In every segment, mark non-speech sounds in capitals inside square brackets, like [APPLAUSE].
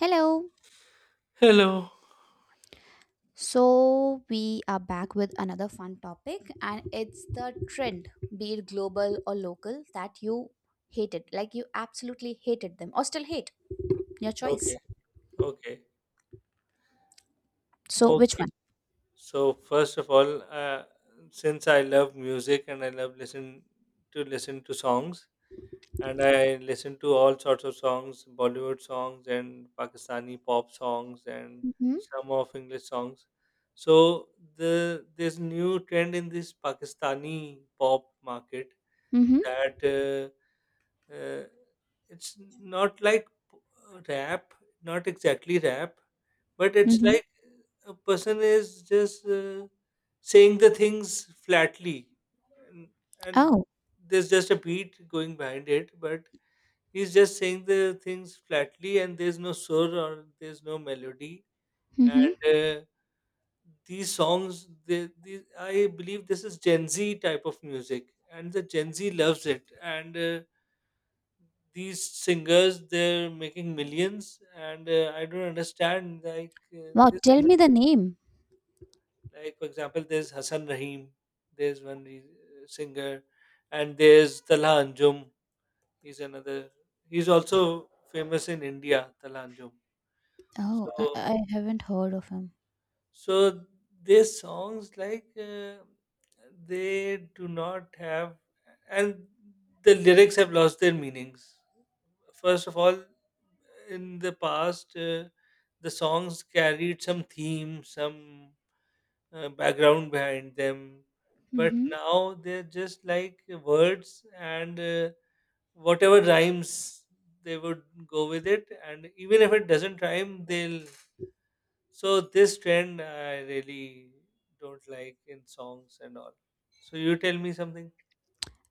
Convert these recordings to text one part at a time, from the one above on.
Hello. Hello. So, we are back with another fun topic, and it's the trend, be it global or local, that you hated. Like, you absolutely hated them or still hate. Your choice. Okay, okay, So, which okay. one? So first of all, since I love music and I love listen to songs, and I listen to all sorts of songs, Bollywood songs and Pakistani pop songs and Mm-hmm. some of English songs. So there's new trend in this Pakistani pop market Mm-hmm. that uh, uh, it's not like rap, not exactly rap. But it's Mm-hmm. like a person is just saying the things flatly, and, and Oh. there's just a beat going behind it, but he's just saying the things flatly, and there's no soul or there's no melody. Mm-hmm. And these songs, I believe this is Gen Z type of music, and the Gen Z loves it. And these singers they're making millions and I don't understand like Wow. this. Tell me the name. Like, for example, there's Hassan Rahim, there's singer, and there's Talha Anjum. He's another, he's also famous in India, Talha Anjum. Oh, I, So, I haven't heard of him. so their songs, they do not have, and the lyrics have lost their meanings. First of all, in the past, the songs carried some theme, some background behind them. But Mm-hmm. now they're just like words and whatever rhymes they would go with it. And even if it doesn't rhyme, they'll. So this trend I really don't like in songs and all. So you tell me something.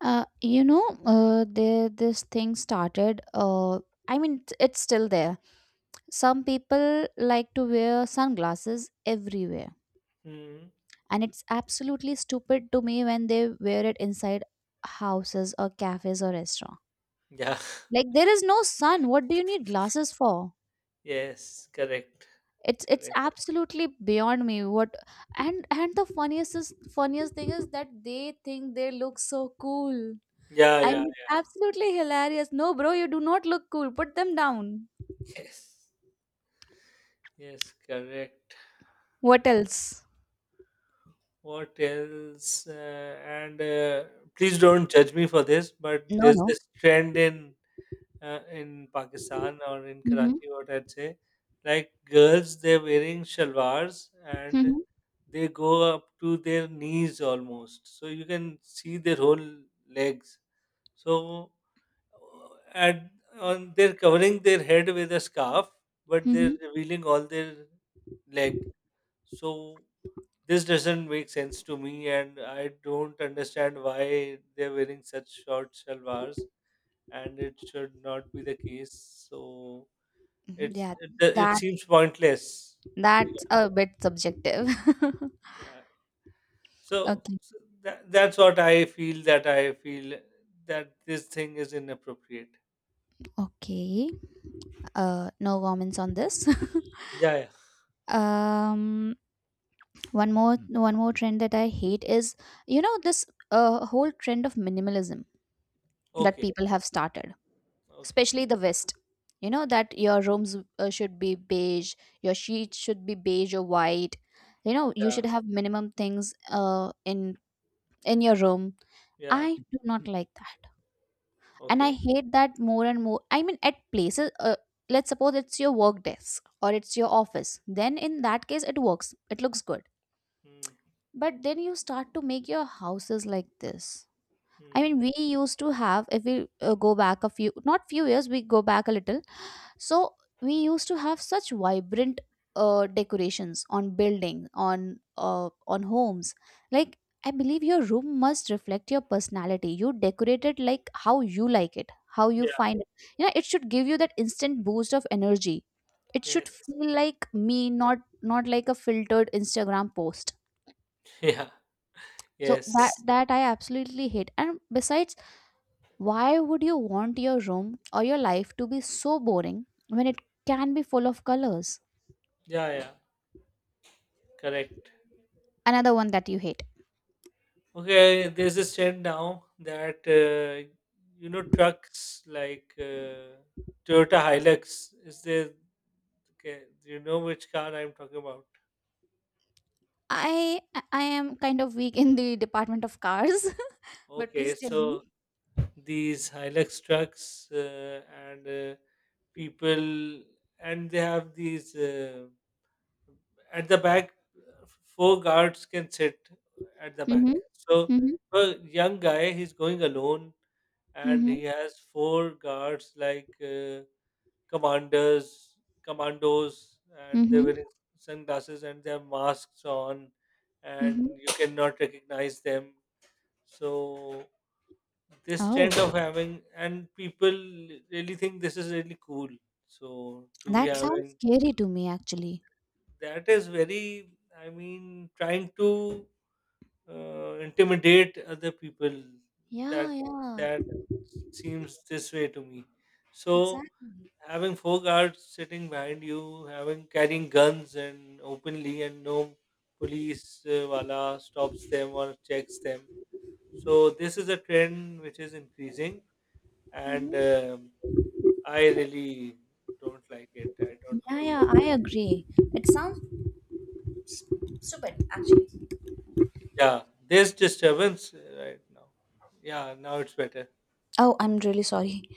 There this thing started. I mean, it's still there. Some people like to wear sunglasses everywhere, Hmm. and it's absolutely stupid to me when they wear it inside houses or cafes or restaurant. Yeah. [LAUGHS] Like, there is no sun. What do you need glasses for? Yes. Correct. It's Correct. absolutely beyond me. What, and the funniest is, funniest thing is that they think they look so cool. Yeah. I Yeah. mean, it's absolutely hilarious. No bro, you do not look cool, put them down. Yes. Yes. Correct. What else? What else? And please don't judge me for this, but No, there's no. this trend in Pakistan or in Mm-hmm. Karachi, what I'd say, like girls, they're wearing shalwars and Mm-hmm. they go up to their knees almost, so you can see their whole legs. So, and on they're covering their head with a scarf, but they're Mm-hmm. revealing all their leg. So this doesn't make sense to me, and I don't understand why they're wearing such short shalwars, and it should not be the case. So Yeah, it that seems pointless. [LAUGHS] yeah. that's a bit subjective. [LAUGHS] yeah. So, Okay. so that's what I feel that this thing is inappropriate. Okay. No comments on this. [LAUGHS] Yeah. yeah. um, one more trend that I hate is, you know, this whole trend of minimalism that Okay. people have started, Okay. especially the West. You know that your rooms should be beige, your sheets should be beige or white. You know, you Yeah. should have minimum things in your room. Yeah. I do not like that. And I Okay. hate that more and more. I mean, at places, let's suppose it's your work desk or it's your office, then in that case it works, it looks good. Hmm. But then you start to make your houses like this. I Hmm. mean, we used to have, if we go back a few, not few years, we go back a little. So we used to have such vibrant decorations on building, on homes. Like, I believe your room must reflect your personality. You decorate it like how you like it, how you Yeah. find it. You know, it should give you that instant boost of energy. It should Yes. [LAUGHS] feel like me, not not like a filtered Instagram post. Yeah. So that Yes. that I absolutely hate. And besides, why would you want your room or your life to be so boring when it can be full of colors? Yeah. Yeah. Correct. Another one that you hate. Okay, there's this trend now that you know trucks like Toyota Hilux. Is there? Okay, do you know which car I'm talking about? I I am kind of weak in the department of cars, [LAUGHS] but Okay, please tell so me. these Hilux trucks and people, and they have these at the back. Four guards can sit at the back. Mhm. So Mhm. a young guy, he's going alone, and Mhm. he has four guards like. Commanders, commandos, and they Mhm. wearing sunglasses and they have masks on, Mhm. and you cannot recognize them. So this trend Oh, of having and people really think this is really cool. So to be that sounds having scary to me actually. that is very, I mean, trying to intimidate other people. That Yeah, yeah, that seems this way to me. So exactly. having four guards sitting behind you, having carrying guns and openly, and no police wala stops them or checks them. So this is a trend which is increasing, and Mm-hmm. I really don't like it. I don't Yeah, approve yeah, of I it. agree. It sounds stupid, actually. Yeah, there's disturbance right now. Yeah, now it's better. Oh, I'm really sorry.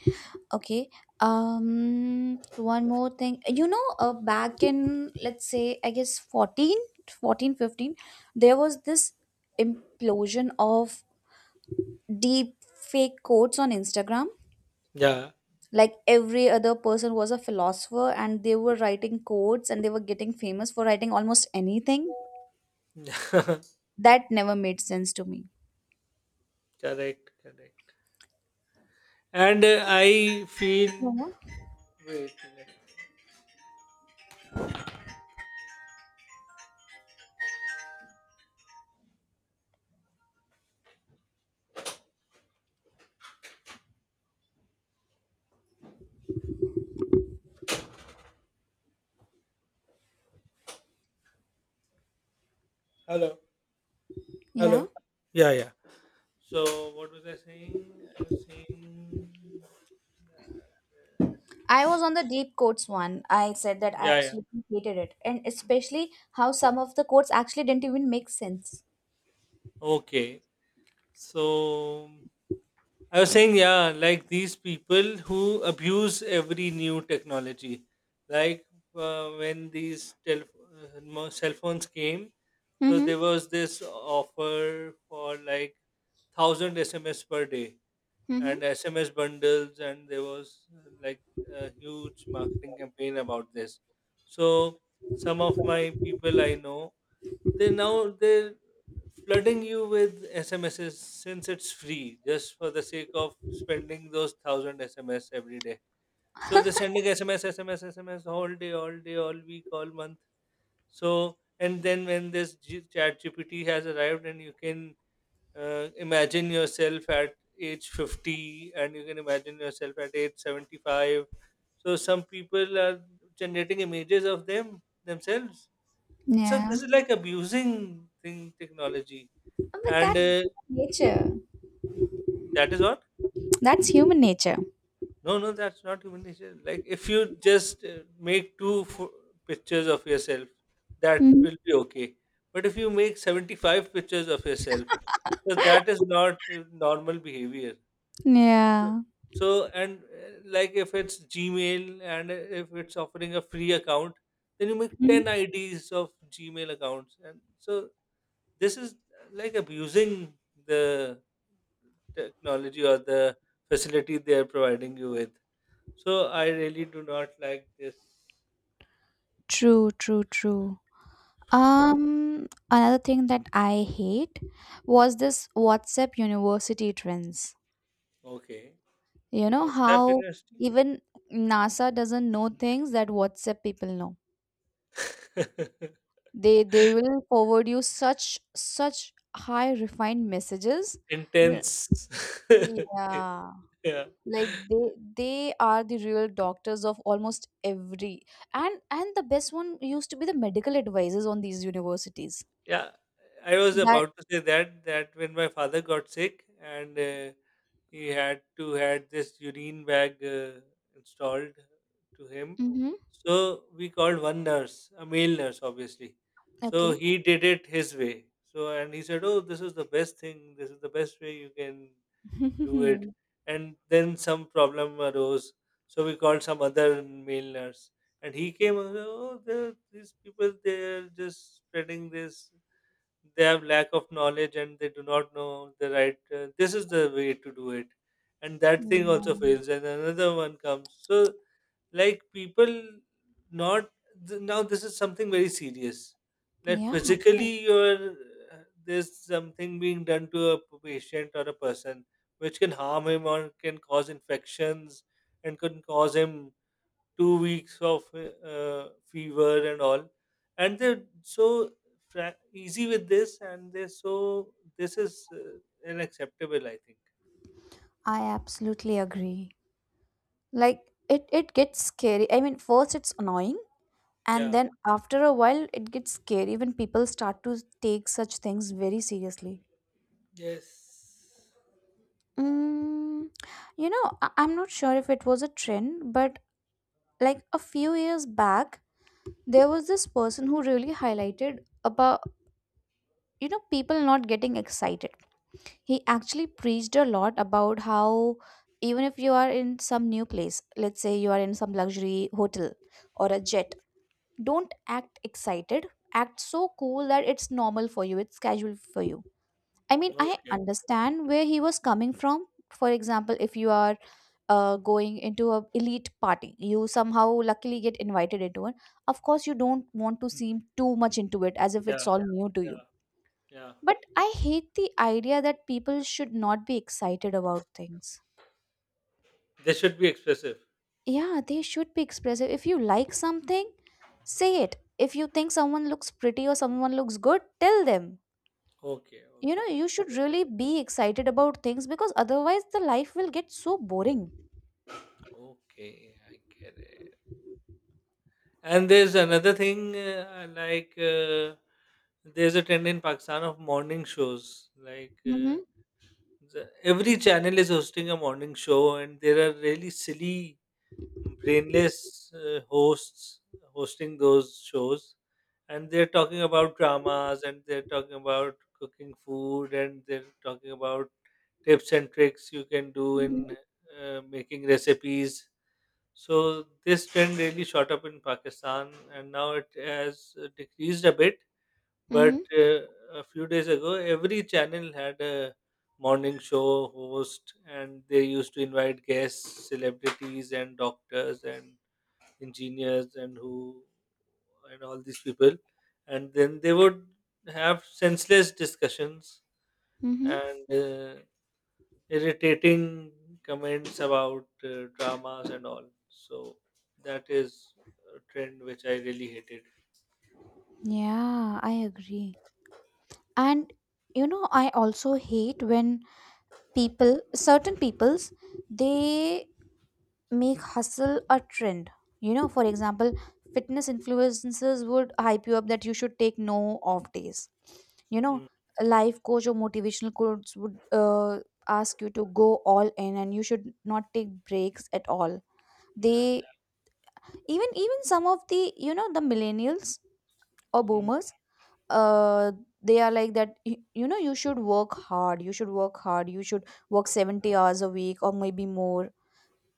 Okay. One more thing. You know, back in, let's say, I guess 14, 14, 15, there was this implosion of deep fake quotes on Instagram. Yeah, Like, every other person was a philosopher and they were writing quotes and they were getting famous for writing almost anything. [LAUGHS] correct, That never made sense to me. correct. And I feel. Yeah. Wait, a minute. Hello, Yeah. hello. Yeah, yeah. So what was I saying? I was saying that I was on the deep quotes one. I said that I yeah, yeah. absolutely hated it, and especially how some of the quotes actually didn't even make sense. Okay. So I was saying yeah, like these people who abuse every new technology, like when these tel- mo- cell phones came, so Mm-hmm. there was this offer for like 1,000 SMS per day. Mm-hmm. And SMS bundles, and there was like a huge marketing campaign about this. So some of my people I know, they now they're flooding you with SMSs since it's free, just for the sake of spending those 1,000 SMS every day. So they're sending SMS, SMS, SMS all day, all day, all week, all month. So and then when this chat GPT has arrived and you can imagine yourself at age 50 and you can imagine yourself at age 75. So some people are generating images of themselves. So Yeah. this is like abusing thing technology But and that's human nature. that is what. That's human nature. No, no, that's not human nature. Like if you just pictures of yourself that Mm-hmm. will be okay, but if you make 75 pictures of yourself, so that is not normal behavior. Yeah. So, and like if it's Gmail and if it's offering a free account, then you make 10 Mhm. IDs of Gmail accounts. And so this is like abusing the technology or the facility they are providing you with. So I really do not like this. True, true, true. Another thing that I hate was this WhatsApp university trends. Okay. You know WhatsApp how University? even NASA doesn't know things that WhatsApp people know. They will forward you such high refined messages. [LAUGHS] You- Intense. yeah, [LAUGHS] yeah. like they are the real doctors of almost every. And the best one used to be the medical advisors on these universities. Yeah, I was That about to say that when my father got sick and he had this urine bag installed to him, mm-hmm, so we called one nurse, a male nurse, obviously. So okay. he did it his way. So and he said, "Oh, this is the best thing. This is the best way you can do it." [LAUGHS] And then some problem arose, so we called some other male nurse and he came and said, oh these people they're just spreading this, they have lack of knowledge and they do not know the right this is the way to do it, and that thing also Mm, fails and another one comes. So like people not now this is something very serious, like yeah of course, physically you're there's something being done to a patient or a person which can harm him or can cause infections and can cause him 2 weeks of fever and all, and they're so easy with this, and they're so this is unacceptable I think. I absolutely agree. Like, it gets scary. I mean, first it's annoying, and Yeah. then after a while it gets scary when people start to take such things very seriously. Yes. Mm, you know, I'm not sure if it was a trend, but like a few years back, there was this person who really highlighted about, you know, people not getting excited. He actually preached a lot about how, even if you are in some new place, let's say you are in some luxury hotel or a jet, don't act excited. Act so cool that it's normal for you, it's casual for you. I mean, no I Okay. understand where he was coming from. For example, if you are going into a elite party, you somehow luckily get invited into it. Of course, you don't want to seem too much into it as if Yeah. it's all new to Yeah. you. Yeah. But I hate the idea that people should not be excited about things. They should be expressive. Yeah, they should be expressive. If you like something, say it. If you think someone looks pretty or someone looks good, tell them. Okay. You know, Okay. you I should get it. really be excited about things because otherwise the life will get so boring. Okay. I get it. And there's another thing I like there's a trend in Pakistan of morning shows. Like, Mm-hmm. Every channel is hosting a morning show and there are really silly brainless hosts hosting those shows and they're talking about dramas and they're talking about cooking food and they're talking about tips and tricks you can do in making recipes. So this trend really shot up in pakistan and now it has decreased a bit, but Mm-hmm. A few days ago, every channel had a morning show host, and they used to invite guests, celebrities, and doctors, and engineers, and who, and all these people. And then they would have senseless discussions Mm-hmm. and irritating comments about dramas and all. So that is a trend which I really hated. Yeah, I agree. And you know, I also hate when people, certain peoples, they make hustle a trend. You know, for example, fitness influencers would hype you up that you should take no off days. You know, Hmm. a life coach or motivational coach would ask you to go all in and you should not take breaks at all. Yeah. They, even some of the, you know, the millennials or Hmm. boomers, uh they are like that. You know, you should work hard, you should work hard, you should work 70 hours a week or maybe more.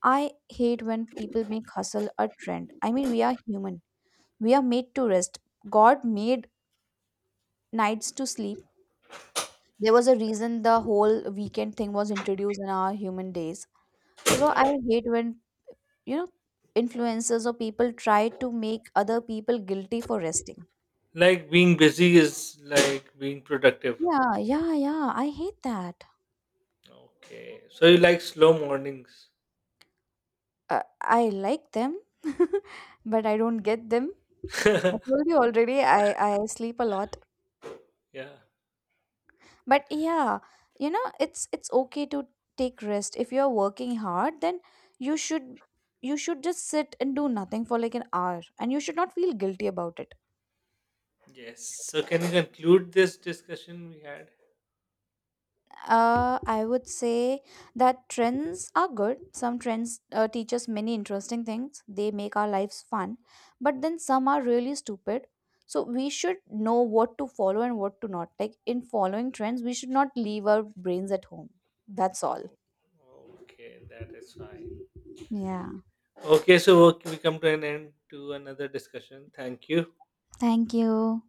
I hate when people make hustle a trend. I mean, we are human. We are made to rest. God made nights to sleep. There was a reason the whole weekend thing was introduced in our human days. So I Yeah. hate when, you know, influencers or people try to make other people guilty for resting. Like being busy is like being productive. Yeah, yeah, yeah. I hate that. Okay. So you like slow mornings. I like them, [LAUGHS] but I don't get them. [LAUGHS] yeah. I told you already, I sleep a lot. But yeah, you know, it's okay to take rest. If you're working hard, then you should, you should just sit and do nothing for like an hour, and you should not feel guilty about it. Yes. So can you conclude this discussion we had? I would say that trends are good. Some trends teach us many interesting things, they make our lives fun. But then some are really stupid. So we should know what to follow and what to not. Like, in following trends we should not leave our brains at home. That's all. Okay, that is fine. Yeah, Okay, so we come to an end to another discussion. Thank you. thank you.